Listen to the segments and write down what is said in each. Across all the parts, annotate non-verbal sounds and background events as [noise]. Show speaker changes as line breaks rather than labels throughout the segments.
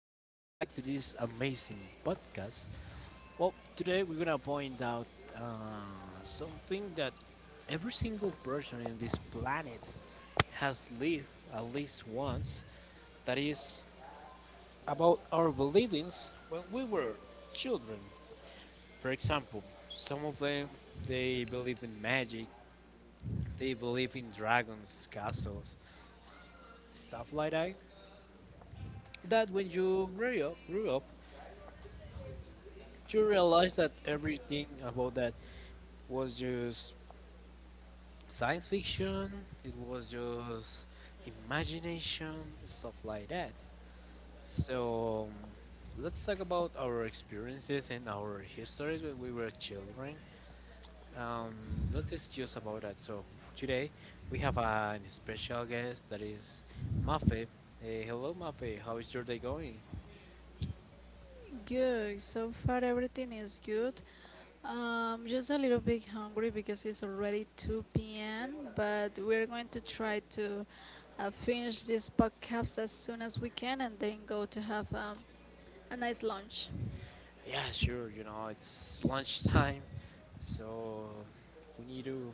Welcome back to this amazing podcast. Well, today we're gonna point out something that every single person in this planet has lived at least once. That is about our beliefs when we were children. For example, some of them they believe in magic, they believe in dragons, castles, s- stuff like that. That when you grew up, you realize that everything about that was just science fiction, it was just imagination, stuff like that. So let's talk about our experiences and our histories when we were children. um, let's discuss about that. So for today we have a special guest that is Mafe. Hey, hello, Mafe, how is your day going?
Good. So far, everything is good. Just a little bit hungry because it's already 2 p.m. But we're going to try to finish this podcast as soon as we can and then go to have a nice lunch.
Yeah, sure. You know, it's lunchtime, so we need to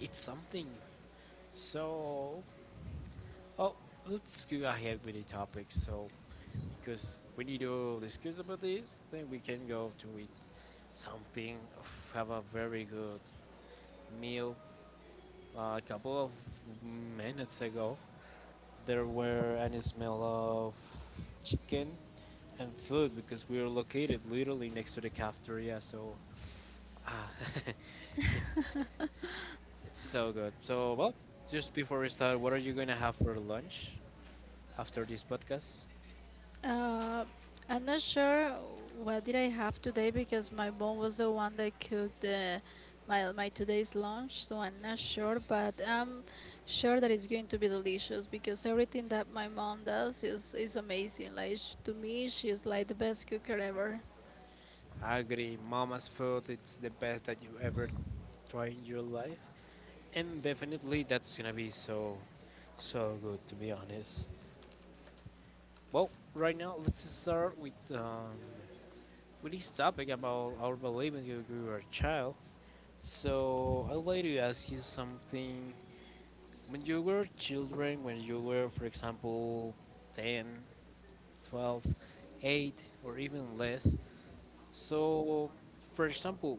eat something. So, oh, let's go ahead with the topic. So, because we need to discuss about this, then we can go to eat something, have a very good meal. A couple of minutes ago, there were any smell of chicken and food because we are located literally next to the cafeteria, so ah, [laughs] it's it's so good. So, well, just before we start, what are you gonna have for lunch after this podcast?
Uh, I'm not sure what did I have today because my mom was the one that cooked the, my today's lunch, so I'm not sure, but I'm sure that it's going to be delicious because everything that my mom does is amazing. Like to me, she's like the best cooker ever.
I agree, mama's food. It's the best that you ever try in your life, and definitely that's gonna be so so good. To be honest, well, right now let's start with this topic about our beliefs when you we were a child. So I'd like to ask you something. When you were children, when you were, for example, 10, 12, 8, or even less, so, for example,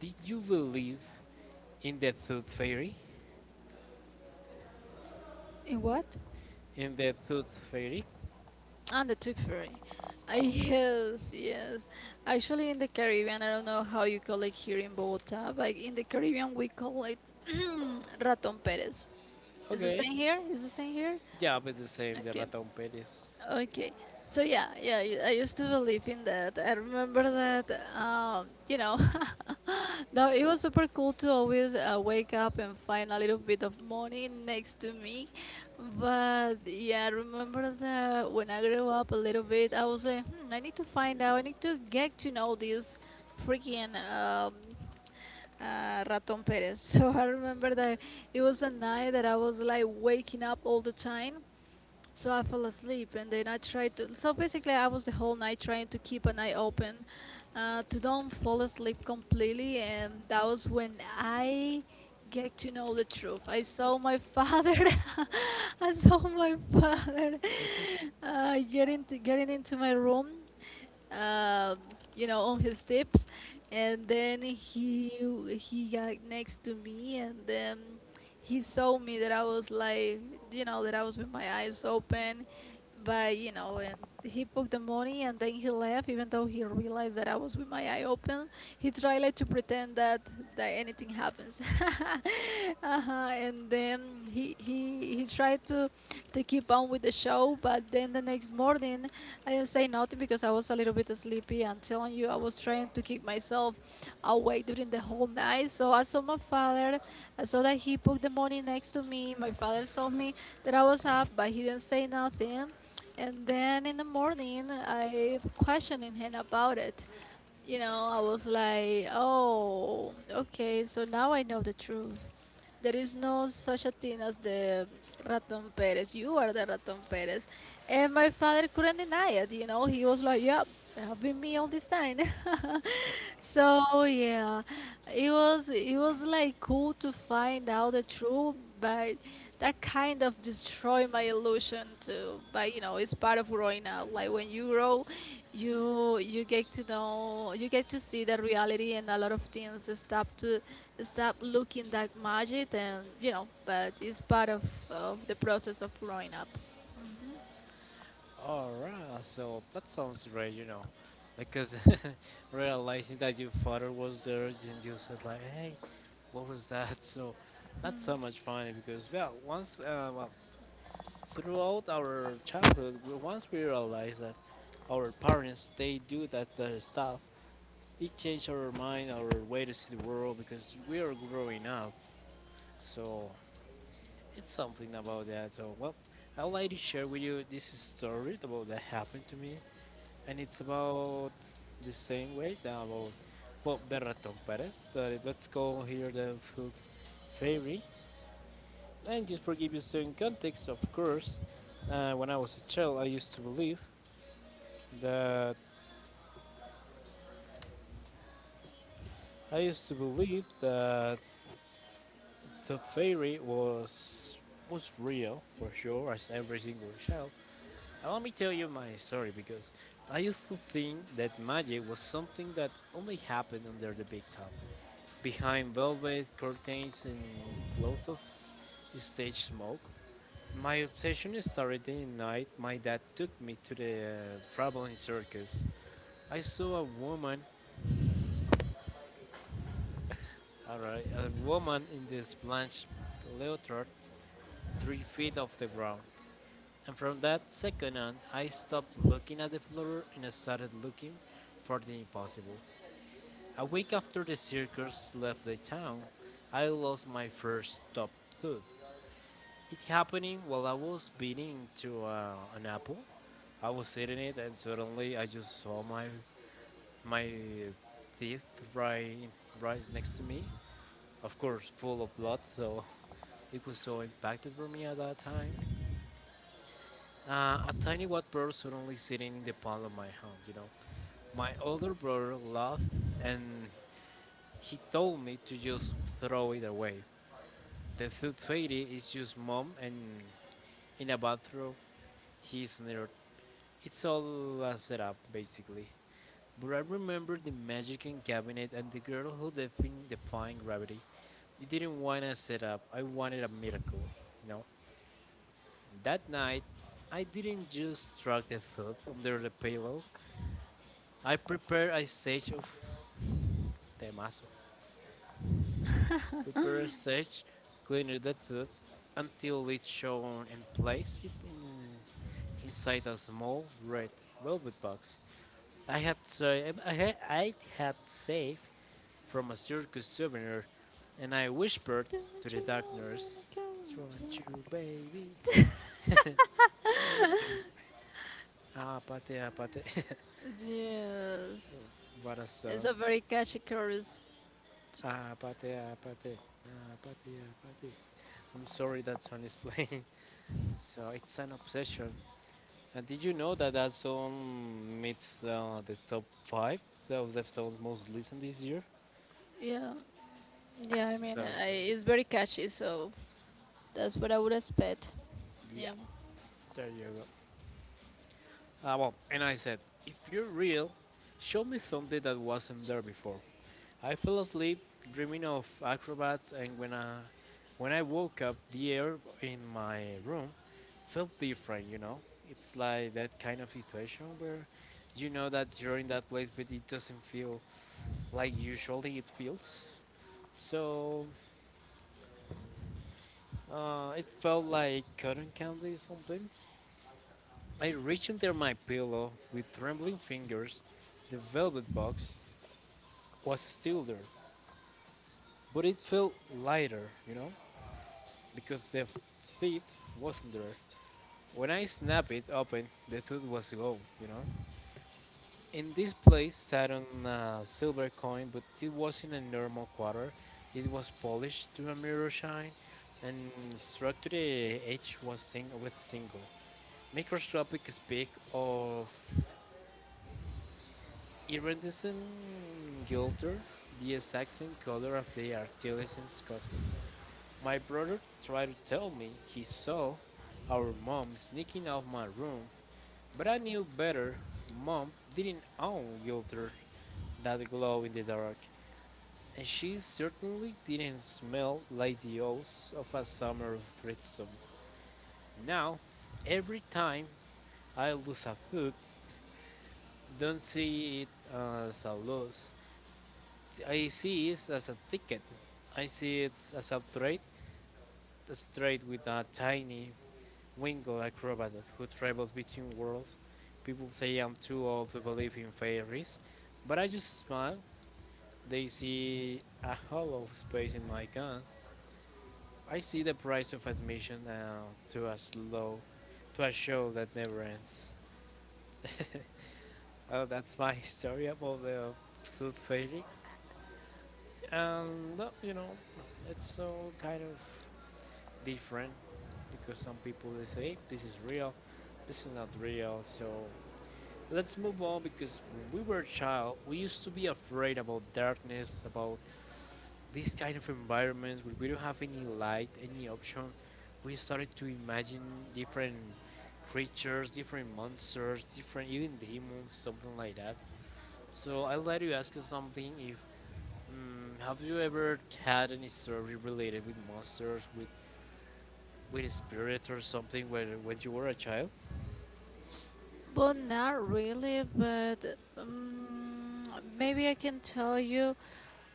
did you believe in the tooth fairy?
In what?
In the tooth fairy?
And the Tooth Fairy. I [laughs] yes, yes. Actually, in the Caribbean, I don't know how you call it here in Bogota, but in the Caribbean we call it [clears throat] Raton Perez. Is the
Okay.
same here? Is the same here?
Yeah, but it's the same, the
Okay.
Raton Pérez.
Okay. So I used to believe in that. I remember that, you know, [laughs] no, it was super cool to always wake up and find a little bit of money next to me. But yeah, I remember that when I grew up a little bit, I was like, hmm, I need to find out, I need to get to know this freaking Raton Perez. [laughs] So I remember that it was a night that I was like waking up all the time so I fell asleep, and then I tried to. So basically, I was the whole night trying to keep an eye open, to don't fall asleep completely. And that was when I get to know the truth. I saw my father. [laughs] I saw my [laughs] father getting into my room, uh, you know, on his tips, and then he got next to me, and then he saw me that I was like, you know, that I was with my eyes open, but you know, and he put the money, and then he left, even though he realized that I was with my eye open. He tried like to pretend that that anything happens, [laughs] uh-huh. And then he tried to keep on with the show. But then the next morning, I didn't say nothing because I was a little bit sleepy. I'm telling you, I was trying to keep myself awake during the whole night. So I saw my father. I saw that he put the money next to me. My father saw me that I was up, but he didn't say nothing. And then in the morning, I questioning him about it, you know, I was like, oh, okay, so now I know the truth. There is no such a thing as the Raton Perez. You are the Raton Perez. And my father couldn't deny it, you know. He was like, "Yeah, I've been me all this time." [laughs] So yeah. It was like cool to find out the truth, but that kind of destroyed my illusion too. But you know, it's part of growing up. Like when you grow you get to know, you get to see the reality and a lot of things stop looking that magic, and you know, but it's part of the process of growing up.
Alright, so that sounds great, you know. Because [laughs] realizing that your father was there and you said like, hey, what was that? [laughs] So not so much funny because well, once well, throughout our childhood, once we realized that our parents they do that stuff, it changed our mind, our way to see the world because we are growing up. So it's something about that. So well, I'd like to share with you this story about that happened to me, and it's about the same way that about Bob the Raton Perez. That let's go hear the food fairy. And just for give you some context, of course, when I was a child, I used to believe that I used to believe that the fairy was real for sure as every single child. And let me tell you my story because I used to think that magic was something that only happened under the big top, behind velvet curtains and clouds of stage smoke. My obsession started in the night. My dad took me to the traveling circus. I saw a woman, a woman in this blanched leotard 3 feet off the ground. And from that second on, I stopped looking at the floor and started looking for the impossible. A week after the circus left the town, I lost my first top tooth. It happened while I was biting into an apple. I was eating it, and suddenly I just saw my teeth right right next to me. Of course, full of blood, so [laughs] it was so impacted for me at that time. A tiny white bird suddenly sitting in the palm of my hand, you know. My older brother laughed and he told me to just throw it away. The food fairy is just mom and in a bathrobe, he sneered. It's all a setup basically. But I remember the magic in cabinet and the girl who defined gravity. It didn't want a setup, I wanted a miracle, you know. That night I didn't just track the food under the pillow. I prepare a stage of temazo. Prepare a stage, clean the food until it's shown and place it in, inside a small red velvet box. I had saved from a circus souvenir, and I whispered to the dark nurse, "It's wrong you, baby, [laughs] need you." Ah, pate, Apate, apate,
Yes,
[laughs] what a
it's
song.
a very catchy chorus.
Ah pate, ah pate. Ah, pate, ah, pate. I'm sorry that song is playing. So it's an obsession. And did you know that that song meets the top five of the songs most listened this year?
Yeah. Yeah, I
[laughs]
mean,
So
I,
great.
it's very catchy, so that's what I would expect.
Yeah,
Yeah.
there you go. Well, and I said, if you're real, show me something that wasn't there before. I fell asleep dreaming of acrobats, and when I woke up, the air in my room felt different, you know? It's like that kind of situation where you know that you're in that place, but it doesn't feel like usually it feels. So it felt like cotton candy something. I reached under my pillow with trembling fingers. The velvet box was still there, but it felt lighter, you know, because the feet wasn't there. When I snapped it open, the tooth was gone, you know. In this place sat on a silver coin, but it wasn't a normal quarter. It was polished to a mirror shine, and struck to the edge was single, microscopic speck of iridescent gilder, the exact same color of the artisan's custom. My brother tried to tell me he saw our mom sneaking out my room, but I knew better. Mom didn't own gilder that glow in the dark, and she certainly didn't smell like the oaths of a summer threesome. Now, every time I lose a foot, don't see it as a loss. I see it as a ticket. I see it as a trade with a tiny winged acrobat who travels between worlds. People say I'm too old to believe in fairies, but I just smile. They see a hollow space in my guns. I see the price of admission now to a slow, to a show that never ends. [laughs] Oh, that's my [laughs] story about the Tooth Fairy. And, you know, it's so kind of different because some people they say this is real, this is not real. So let's move on because when we were a child, we used to be afraid about darkness, about these kind of environments where we don't have any light, any option, we started to imagine different creatures, different monsters, different even demons, something like that. So I'd like to ask you something. If have you ever had any story related with monsters, with spirits or something, where when you were a child?
But not really. But um, maybe I can tell you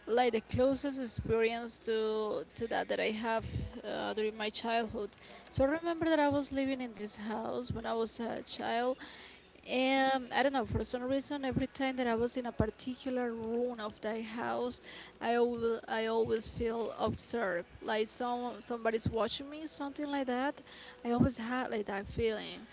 like the closest experience to that that I have during my childhood. So I remember that I was living in this house when I was a child. I don't know, for some reason, every time that I was in a particular room of the house, I always feel observed, like somebody's watching me, something like that. I always had like that feeling,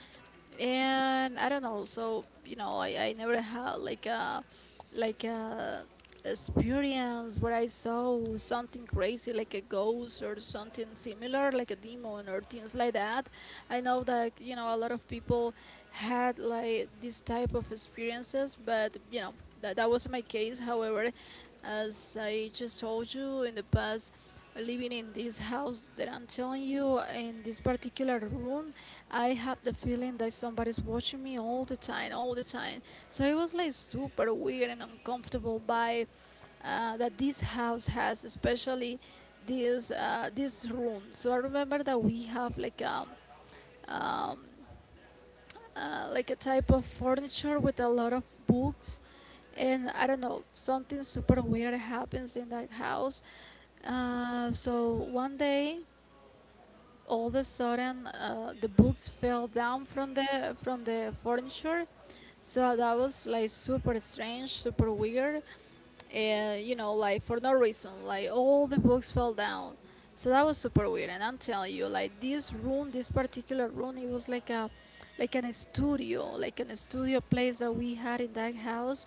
and I don't know. So you know, I never had like a experience where I saw something crazy, like a ghost or something similar, like a demon or things like that. I know that you know a lot of people had like this type of experiences, but you know that that wasn't my case. However, as I just told you in the past, living in this house that I'm telling you in this particular room, I have the feeling that somebody's watching me all the time, all the time. So it was like super weird and uncomfortable by that this house has, especially this room. So I remember that we have um, like a type of furniture with a lot of books, and I don't know, something super weird happens in that house. So one day all of a sudden, the books fell down from the furniture. So that was like super strange, super weird. You know, like for no reason, like all the books fell down. So that was super weird. And I'm telling you, like this room, this particular room, it was like a, like an studio place that we had in that house.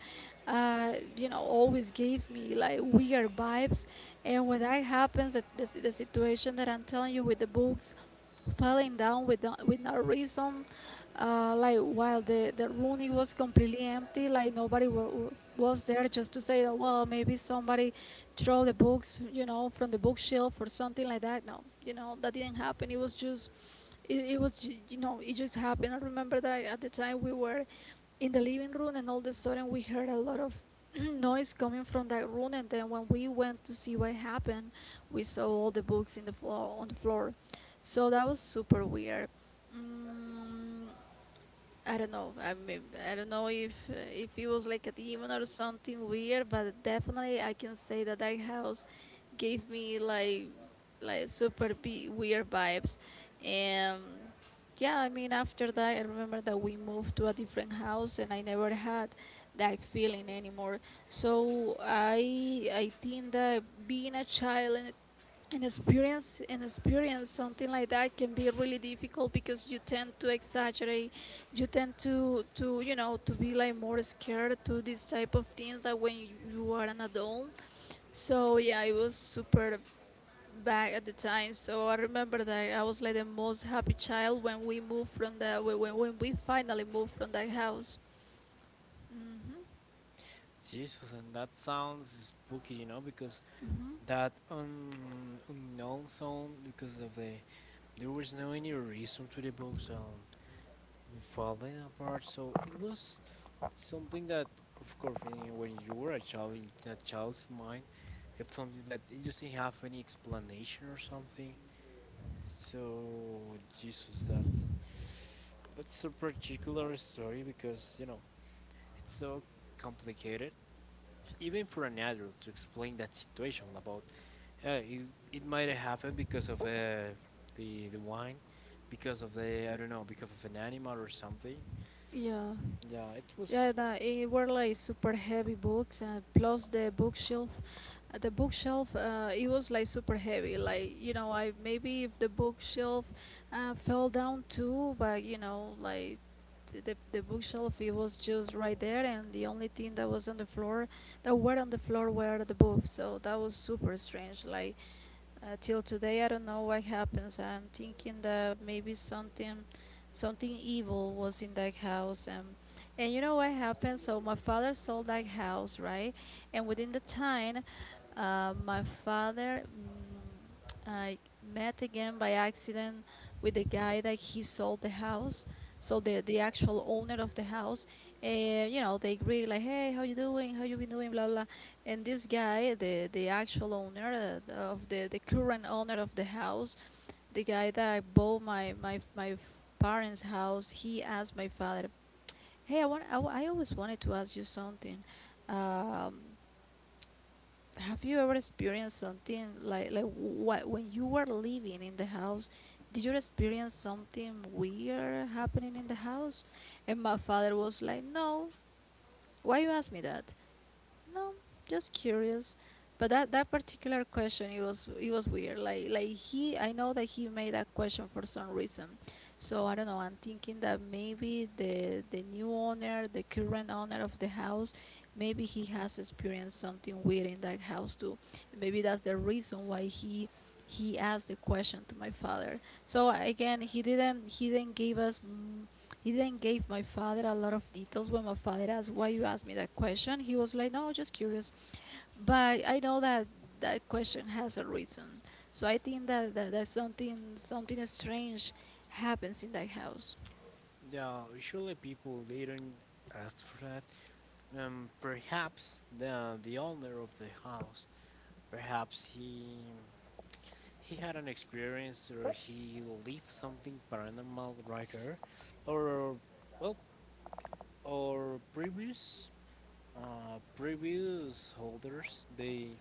You know, always gave me like weird vibes. And when that happens, that the situation that I'm telling you with the books falling down with with no reason. Like while the room was completely empty, like nobody was there, just to say that well maybe somebody throw the books, you know, from the bookshelf or something like that. No, you know that didn't happen. It was just you know, it just happened. I remember that at the time we were in the living room and all of a sudden we heard a lot of [clears throat] noise coming from that room, and then when we went to see what happened we saw all the books in the floor on the floor. So that was super weird. Mm, I don't know. I mean, I don't know if it was like a demon or something weird, but definitely I can say that that house gave me like super weird vibes. And yeah, I mean, after that, I remember that we moved to a different house, and I never had that feeling anymore. So I think that being a child in and experience something like that can be really difficult because you tend to exaggerate, you tend to you know, to be like more scared to this type of things that when you are an adult. So yeah, I was super bad at the time. So I remember that I was like the most happy child when we moved from when we finally moved from that house. Hmm.
Jesus, and that sounds spooky, you know, because
Hmm.
that unknown sound because of the there was no any reason to the book sound falling apart. So it was something that, of course, when you, were a child in a child's mind, it's something that it doesn't have any explanation or something. So Jesus, that's a particular story because you know it's so complicated, even for an adult to explain that situation about it, it might have happened because of the wine, because of the I don't know because of an animal or something.
Yeah.
Yeah, it
Yeah,
was.
it were like super heavy books, and plus the bookshelf. The bookshelf, it was like super heavy. Like you know, I maybe if the bookshelf fell down too, but you know, like the bookshelf, it was just right there, and the only thing that was on the floor, that were on the floor, were the books. So that was super strange. Like till today, I don't know what happens. I'm thinking that maybe something, something evil was in that house, and you know what happened? So my father sold that house, right? And within the time, my father mm, I met again by accident with the guy that he sold the house. So the actual owner of the house, and you know they agree like, hey, how you doing? How you been doing? Blah blah. And this guy, the actual owner of the current owner of the house, the guy that bought parents' house, he asked my father, "Hey, I always wanted to ask you something. Um, have you ever experienced something like what when you were living in the house? Did you experience something weird happening in the house?" And my father was like, "No, why you ask me that?" No, just curious. But that particular question, it was weird. Like I know that he made that question for some reason. So I don't know. I'm thinking that maybe the new owner, the current owner of the house, maybe he has experienced something weird in that house too. Maybe that's the reason why he asked the question to my father. So again, he didn't give us he then gave my father a lot of details. When my father asked why you asked me that question, he was like, "No, just curious." But I know that that question has a reason. So I think that, that something strange happens in that house.
Yeah, usually people they don't ask for that. Perhaps the owner of the house, perhaps he had an experience or he lived something paranormal right there, or well, or previous previous holders they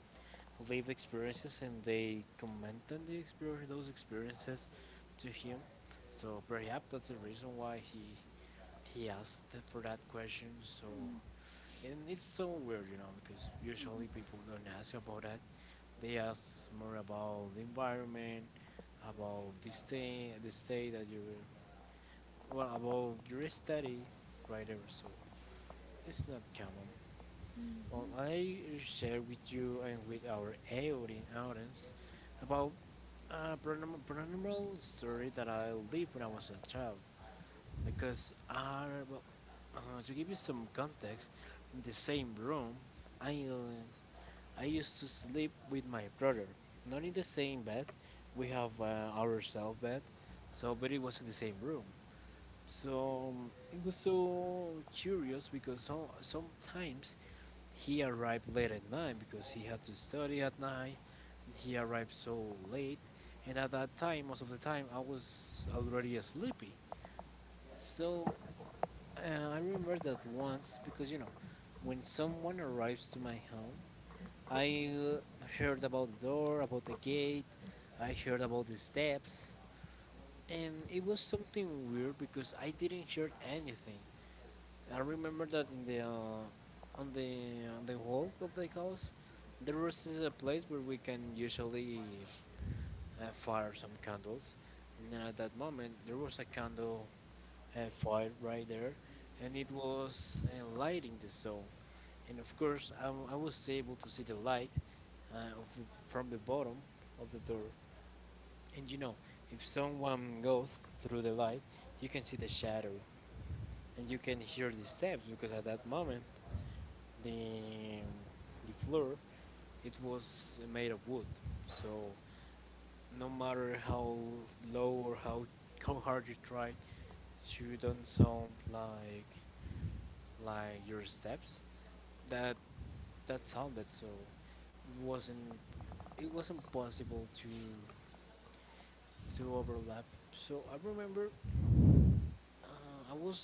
live experiences and they commented the experience those experiences to him. So perhaps that's the reason why he asked for that question. So, and it's so weird, you know, because usually people don't ask about that. They ask more about the environment, about the stay that you, well, about your study, right there. So it's not common. Well, I share with you and with our audience about a paranormal story that I lived when I was a child. Because are well to give you some context in the same room i uh, I used to sleep with my brother, not in the same bed. We have our self bed, so but it was in the same room. So it was so curious because so, sometimes he arrived late at night because he had to study at night. He arrived so late, and at that time most of the time I was already sleepy. So I remember that once because you know, when someone arrives to my home, I heard about the door, about the gate, I heard about the steps, and it was something weird because I didn't hear anything. I remember that in the on the wall of the house, there was this, a place where we can usually fire some candles. And at that moment, there was a candle fight right there, and it was lighting the zone. And of course, I was able to see the light from the bottom of the door. And you know, if someone goes through the light, you can see the shadow, and you can hear the steps because at that moment the the floor it was made of wood. So no matter how low or how hard you try, you don't sound like your steps that that sounded so it wasn't it wasn't possible to overlap. So I remember uh, i was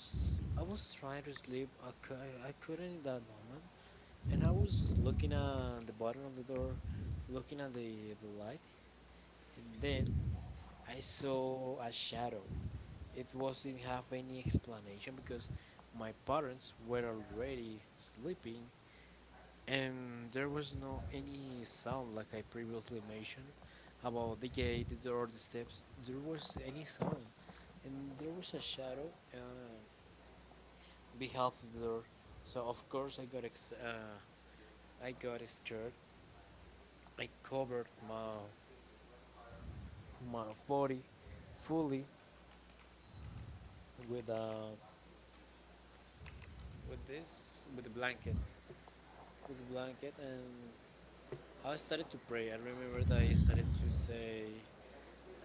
i was trying to sleep. I couldn't in that moment, and I was looking at the bottom of the door, looking at the light. And then I saw a shadow. It wasn't have any explanation because my parents were already sleeping. And there was no any sound like I previously mentioned about the gate, the door, the steps. There was any sound, and there was a shadow behalf of the door. So of course I got scared. I covered my body fully with uh, with this with the blanket with the blanket, and I started to pray. I remember that I started to say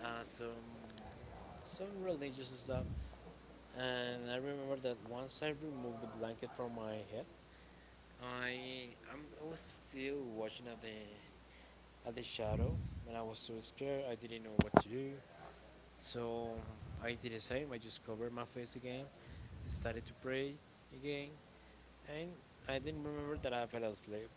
uh, some some religious stuff. And I remember that once I removed the blanket from my head, I was still watching at the shadow, and I was so scared. I didn't know what to do, so I did the same. I just covered my face again, I started to pray again, and I didn't remember that I fell asleep.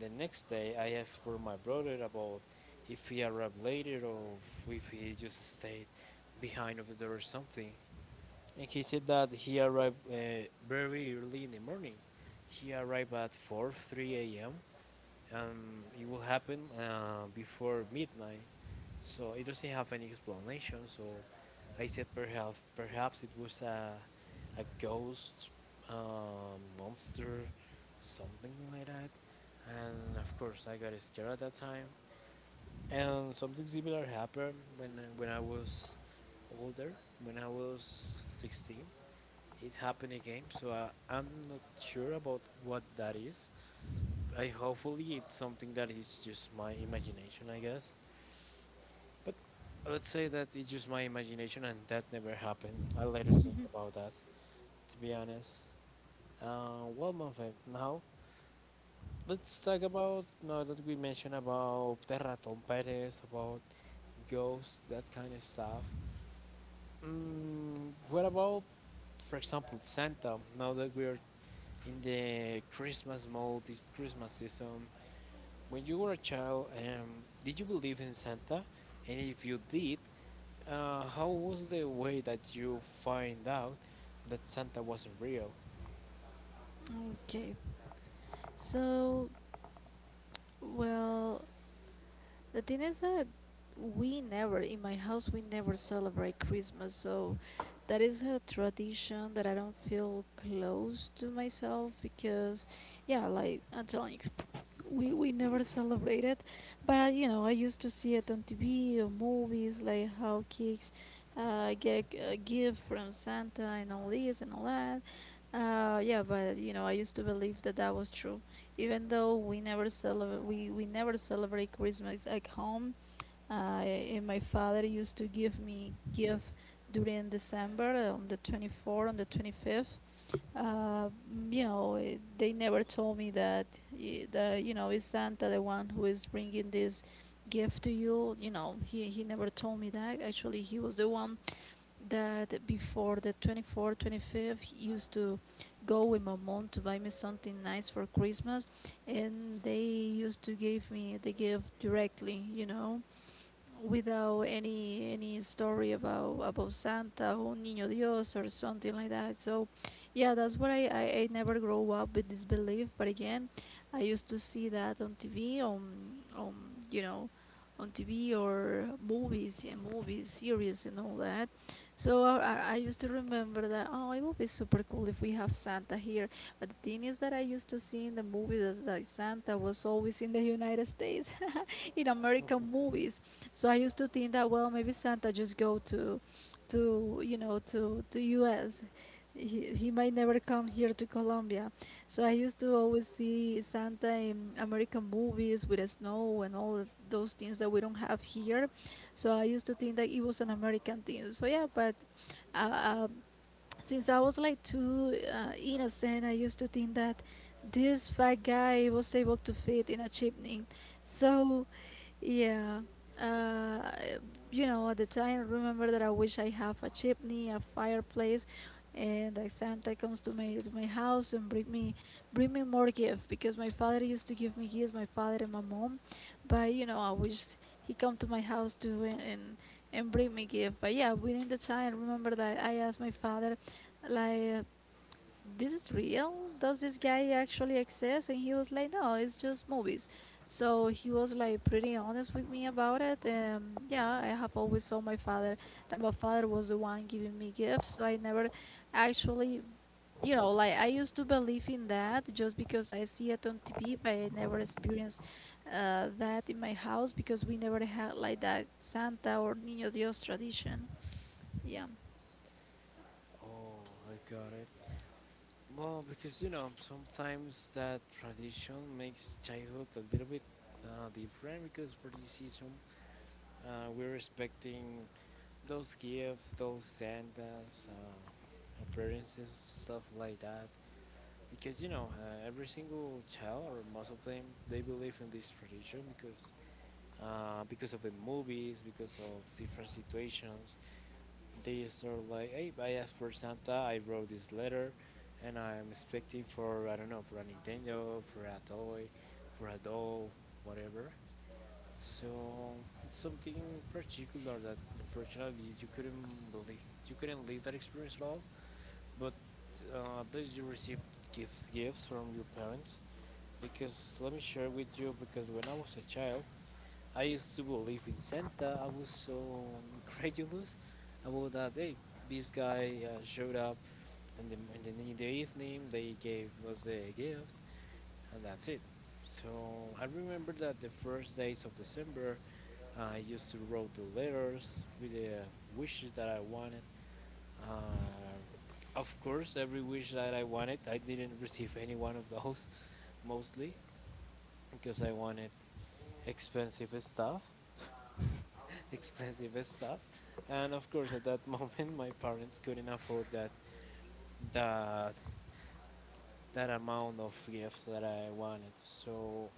The next day, I asked for my brother about if he arrived later or if he just stayed behind of the door or something. And he said that he arrived very early in the morning. He arrived at 4, 3 a.m. and it will happen before midnight. So it doesn't have any explanation. So I said perhaps it was a ghost, monster, something like that. And of course I got scared at that time. And something similar happened when I was older, when I was 16. It happened again. So I'm not sure about what that is. I hopefully it's something that is just my imagination, I guess. But let's say that it's just my imagination and that never happened. I'll later think about that. To be honest. Well, Manfe, now let's talk about, now that we mentioned about Terraton Perez, about ghosts, that kind of stuff. Mm, what about, for example, Santa? Now that we are in the Christmas mode, this Christmas season. When you were a child, did you believe in Santa? And if you did, how was the way that you find out that Santa wasn't real?
Okay. So well, The thing is that we never, in my house, we never celebrate Christmas, so that is a tradition that I don't feel close to myself because, yeah, like I'm telling you, we never celebrate it, but I used to see it on TV or movies, like how kids get a gift from Santa and all this and all that. Yeah, but I used to believe that that was true even though we never celebrate Christmas at home. And my father used to give me gift during December, on the 24th, on the 25th. Uh, mm, they never told me that eh, the you know is Santa the one who is bringing this gift to you. You know, he never told me that. Actually, he was the one that before the 24th, 25th, used to go with my mom to buy me something nice for Christmas, and they used to give me the gift directly, you know, without any story about Santa or Niño Dios or something like that. So, yeah, that's what I never grow up with this belief. But again, I used to see that on TV, you know, on TV or movies, yeah, movies, series, and all that. So I used to remember that, oh, it would be super cool if we have Santa here. But the thing is that I used to see in the movies that, that Santa was always in the United States. [laughs] In American movies. So I used to think that, well, maybe Santa just go to you know, to U.S. He might never come here to Colombia. So I used to always see Santa in American movies with the snow and all those things that we don't have here. So I used to think that it was an American thing. So yeah, but uh, um, since I was like too innocent, I used to think that this fat guy was able to fit in a chimney. So yeah. Uh, you know, at the time, I remember that I wish I have a chimney, a fireplace, and that Santa comes to my house and bring me more gift because my father used to give me gifts, my father and my mom, but you know, I wish he come to my house too and bring me gift. But yeah, within the time, I remember that I asked my father, like, this is real? Does this guy actually exist? And he was like, no, it's just movies. So he was like pretty honest with me about it. And yeah, I have always saw my father was the one giving me gifts. So I never actually, you know, like I used to believe in that just because I see it on TV, but I never experienced that in my house because we never had like that Santa or Niño Dios tradition. Yeah.
Oh, I got it. Well, because you know, sometimes that tradition makes childhood a little bit different because for this season, we're expecting those gifts, those Santas, appearances, stuff like that. Because you know every single child or most of them, they believe in this tradition because of the movies, because of different situations, they start like, hey, I asked for Santa, I wrote this letter, and I'm expecting for, I don't know, for a Nintendo, for a toy, for a doll, whatever. So it's something particular that unfortunately you couldn't believe, you couldn't live that experience at all. But that you received gifts from your parents. Because let me share with you, because when I was a child, I used to believe in Santa. I was so incredulous about that. Hey, this guy showed up, and in the evening, they gave us the gift, and that's it. So I remember that the first days of December, I used to write the letters with the wishes that I wanted. Uh, of course, every wish that I wanted, I didn't receive any one of those [laughs] mostly because I wanted expensive stuff [laughs] expensive stuff, and of course at that [laughs] moment my parents couldn't afford that that that amount of gifts that I wanted. So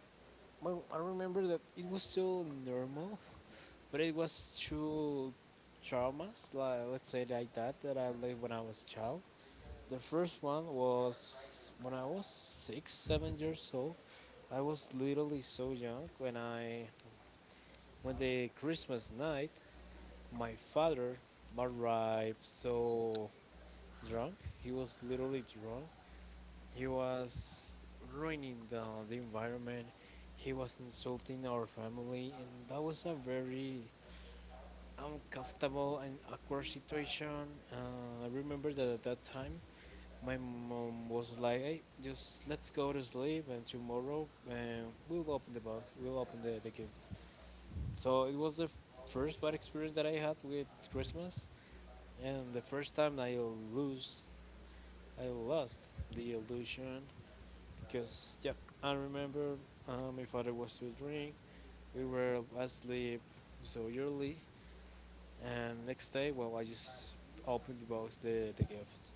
well, I remember that it was so normal [laughs] but it was two traumas, like let's say like that, that I lived when I was a child. The first one was when I was 6, 7 years old. I was literally so young when I when the Christmas night my father arrived so drunk. He was literally drunk. He was ruining the environment. He was insulting our family, and that was a very uncomfortable and awkward situation. I remember that at that time, my mom was like, "Hey, just let's go to sleep, and tomorrow we'll open the box, we'll open the gifts." So it was first bad experience that I had with Christmas. And the first time I lose, I lost the illusion, because yep, I remember my father was to drink. We were asleep so early, and next day, well, I just opened the box, the gifts.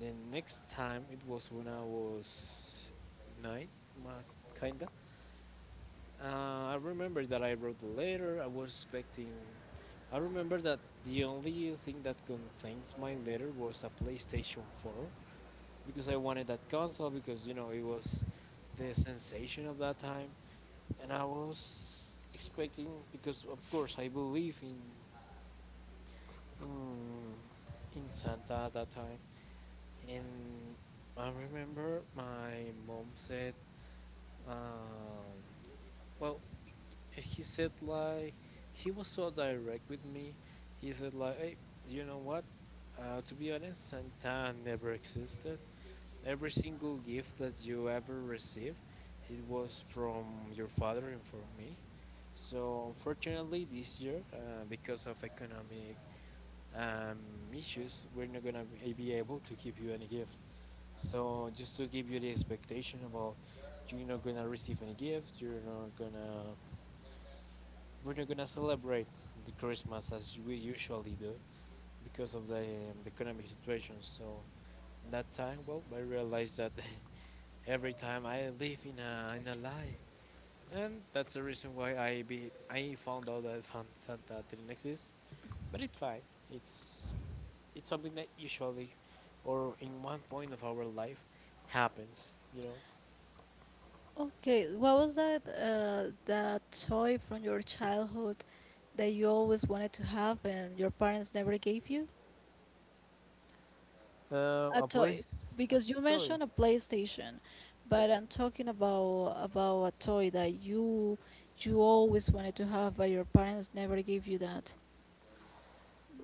The next time it was when I was 9, my kinda. I remember that I wrote a letter. I was expecting. I remember that the only thing that contains my letter was a PlayStation 4 because I wanted that console because you know it was the sensation of that time, and I was expecting because of course I believe in mm, in Santa at that time, and I remember my mom said, um, well, he said like, he was so direct with me. He said like, hey, you know what? To be honest, Santa never existed. Every single gift that you ever received, it was from your father and from me. So unfortunately, this year, because of economic um, issues, we're not gonna be able to give you any gift. So just to give you the expectation about, you're not gonna receive any gift, you're not gonna, we're not gonna celebrate the Christmas as we usually do because of the economic situation. So that time, well, I realized that [laughs] every time I live in a lie, and that's the reason why I found out that Santa didn't exist. But it's fine. It's it's something that usually, or in one point of our life, happens. You know.
Okay, what was that that toy from your childhood that you always wanted to have and your parents never gave you? A
A
toy,
place, a
because you
toy.
mentioned a PlayStation,
Yep.
but I'm talking about a toy that you always wanted to have, but your parents never gave you that.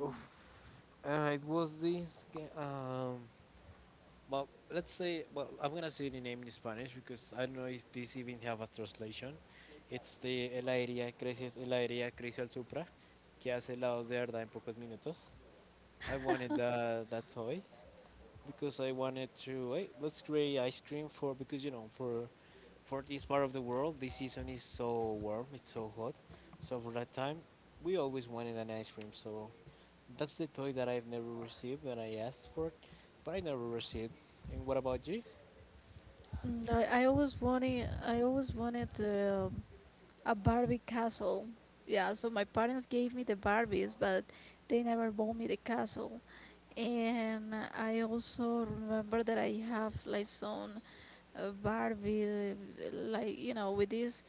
Oof. It was this. Well, let's say, well, I'm gonna say the name in Spanish because I don't know if this even have a translation. It's de heladería Crecias, heladería Crecial Supra, que hace helados de verdad en pocos minutos. I wanted that that toy because I wanted to, hey, let's create ice cream for, because you know, for this part of the world this season is so warm, it's so hot. So for that time, we always wanted an ice cream. So that's the toy that I've never received, that I asked for, but I never received. And what about you?
Mm, I always wanted, a Barbie castle. Yeah, so my parents gave me the Barbies, but they never bought me the castle. And I also remember that I have like some Barbie, like you know, with this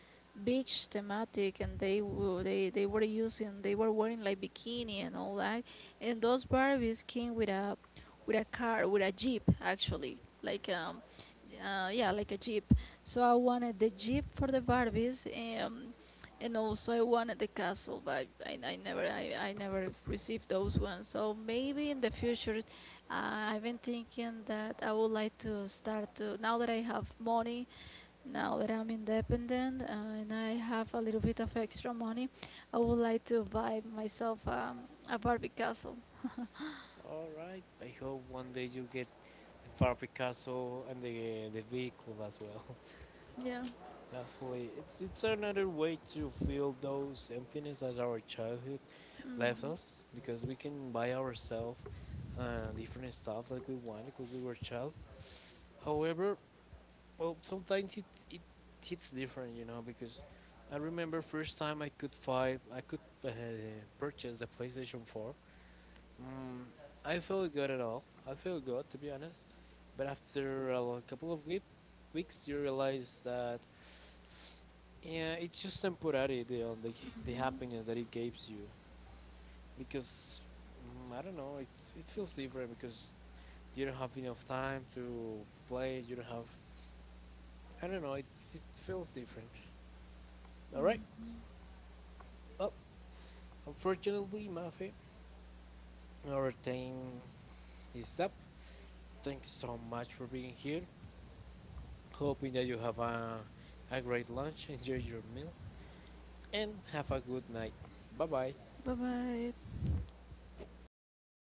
beach thematic, and they were using, they were wearing like bikini and all that, and those Barbies came with a with a jeep actually, like yeah, like a Jeep. So I wanted the Jeep for the Barbies, um, and also I wanted the castle, but I never received those ones. So maybe in the future, I've been thinking that I would like to start to, now that I have money, now that I'm independent, and I have a little bit of extra money, I would like to buy myself, a Barbie castle.
All right. I hope one day you get the Barbie castle and the vehicle as well.
Yeah.
[laughs] Hopefully, it's another way to fill those emptiness that our childhood
Mm.
left us, because we can buy ourselves different stuff that we wanted when we were a child. However, well, sometimes it it hits different, you know, because I remember first time I could purchase the PlayStation 4. Mm, I feel good at all. I feel good to be honest. But after couple of weeks, you realize that yeah, it's just temporary, the on the the
Mm-hmm.
happiness that it gives you, because mm, I don't know. It feels different because you don't have enough time to play. You don't have, I don't know. It feels different. All right. Well, unfortunately, Mafi, our time is up. Thanks so much for being here. Hoping that you have a great lunch, [laughs] enjoy your meal, and have a good night. Bye bye.
Bye bye.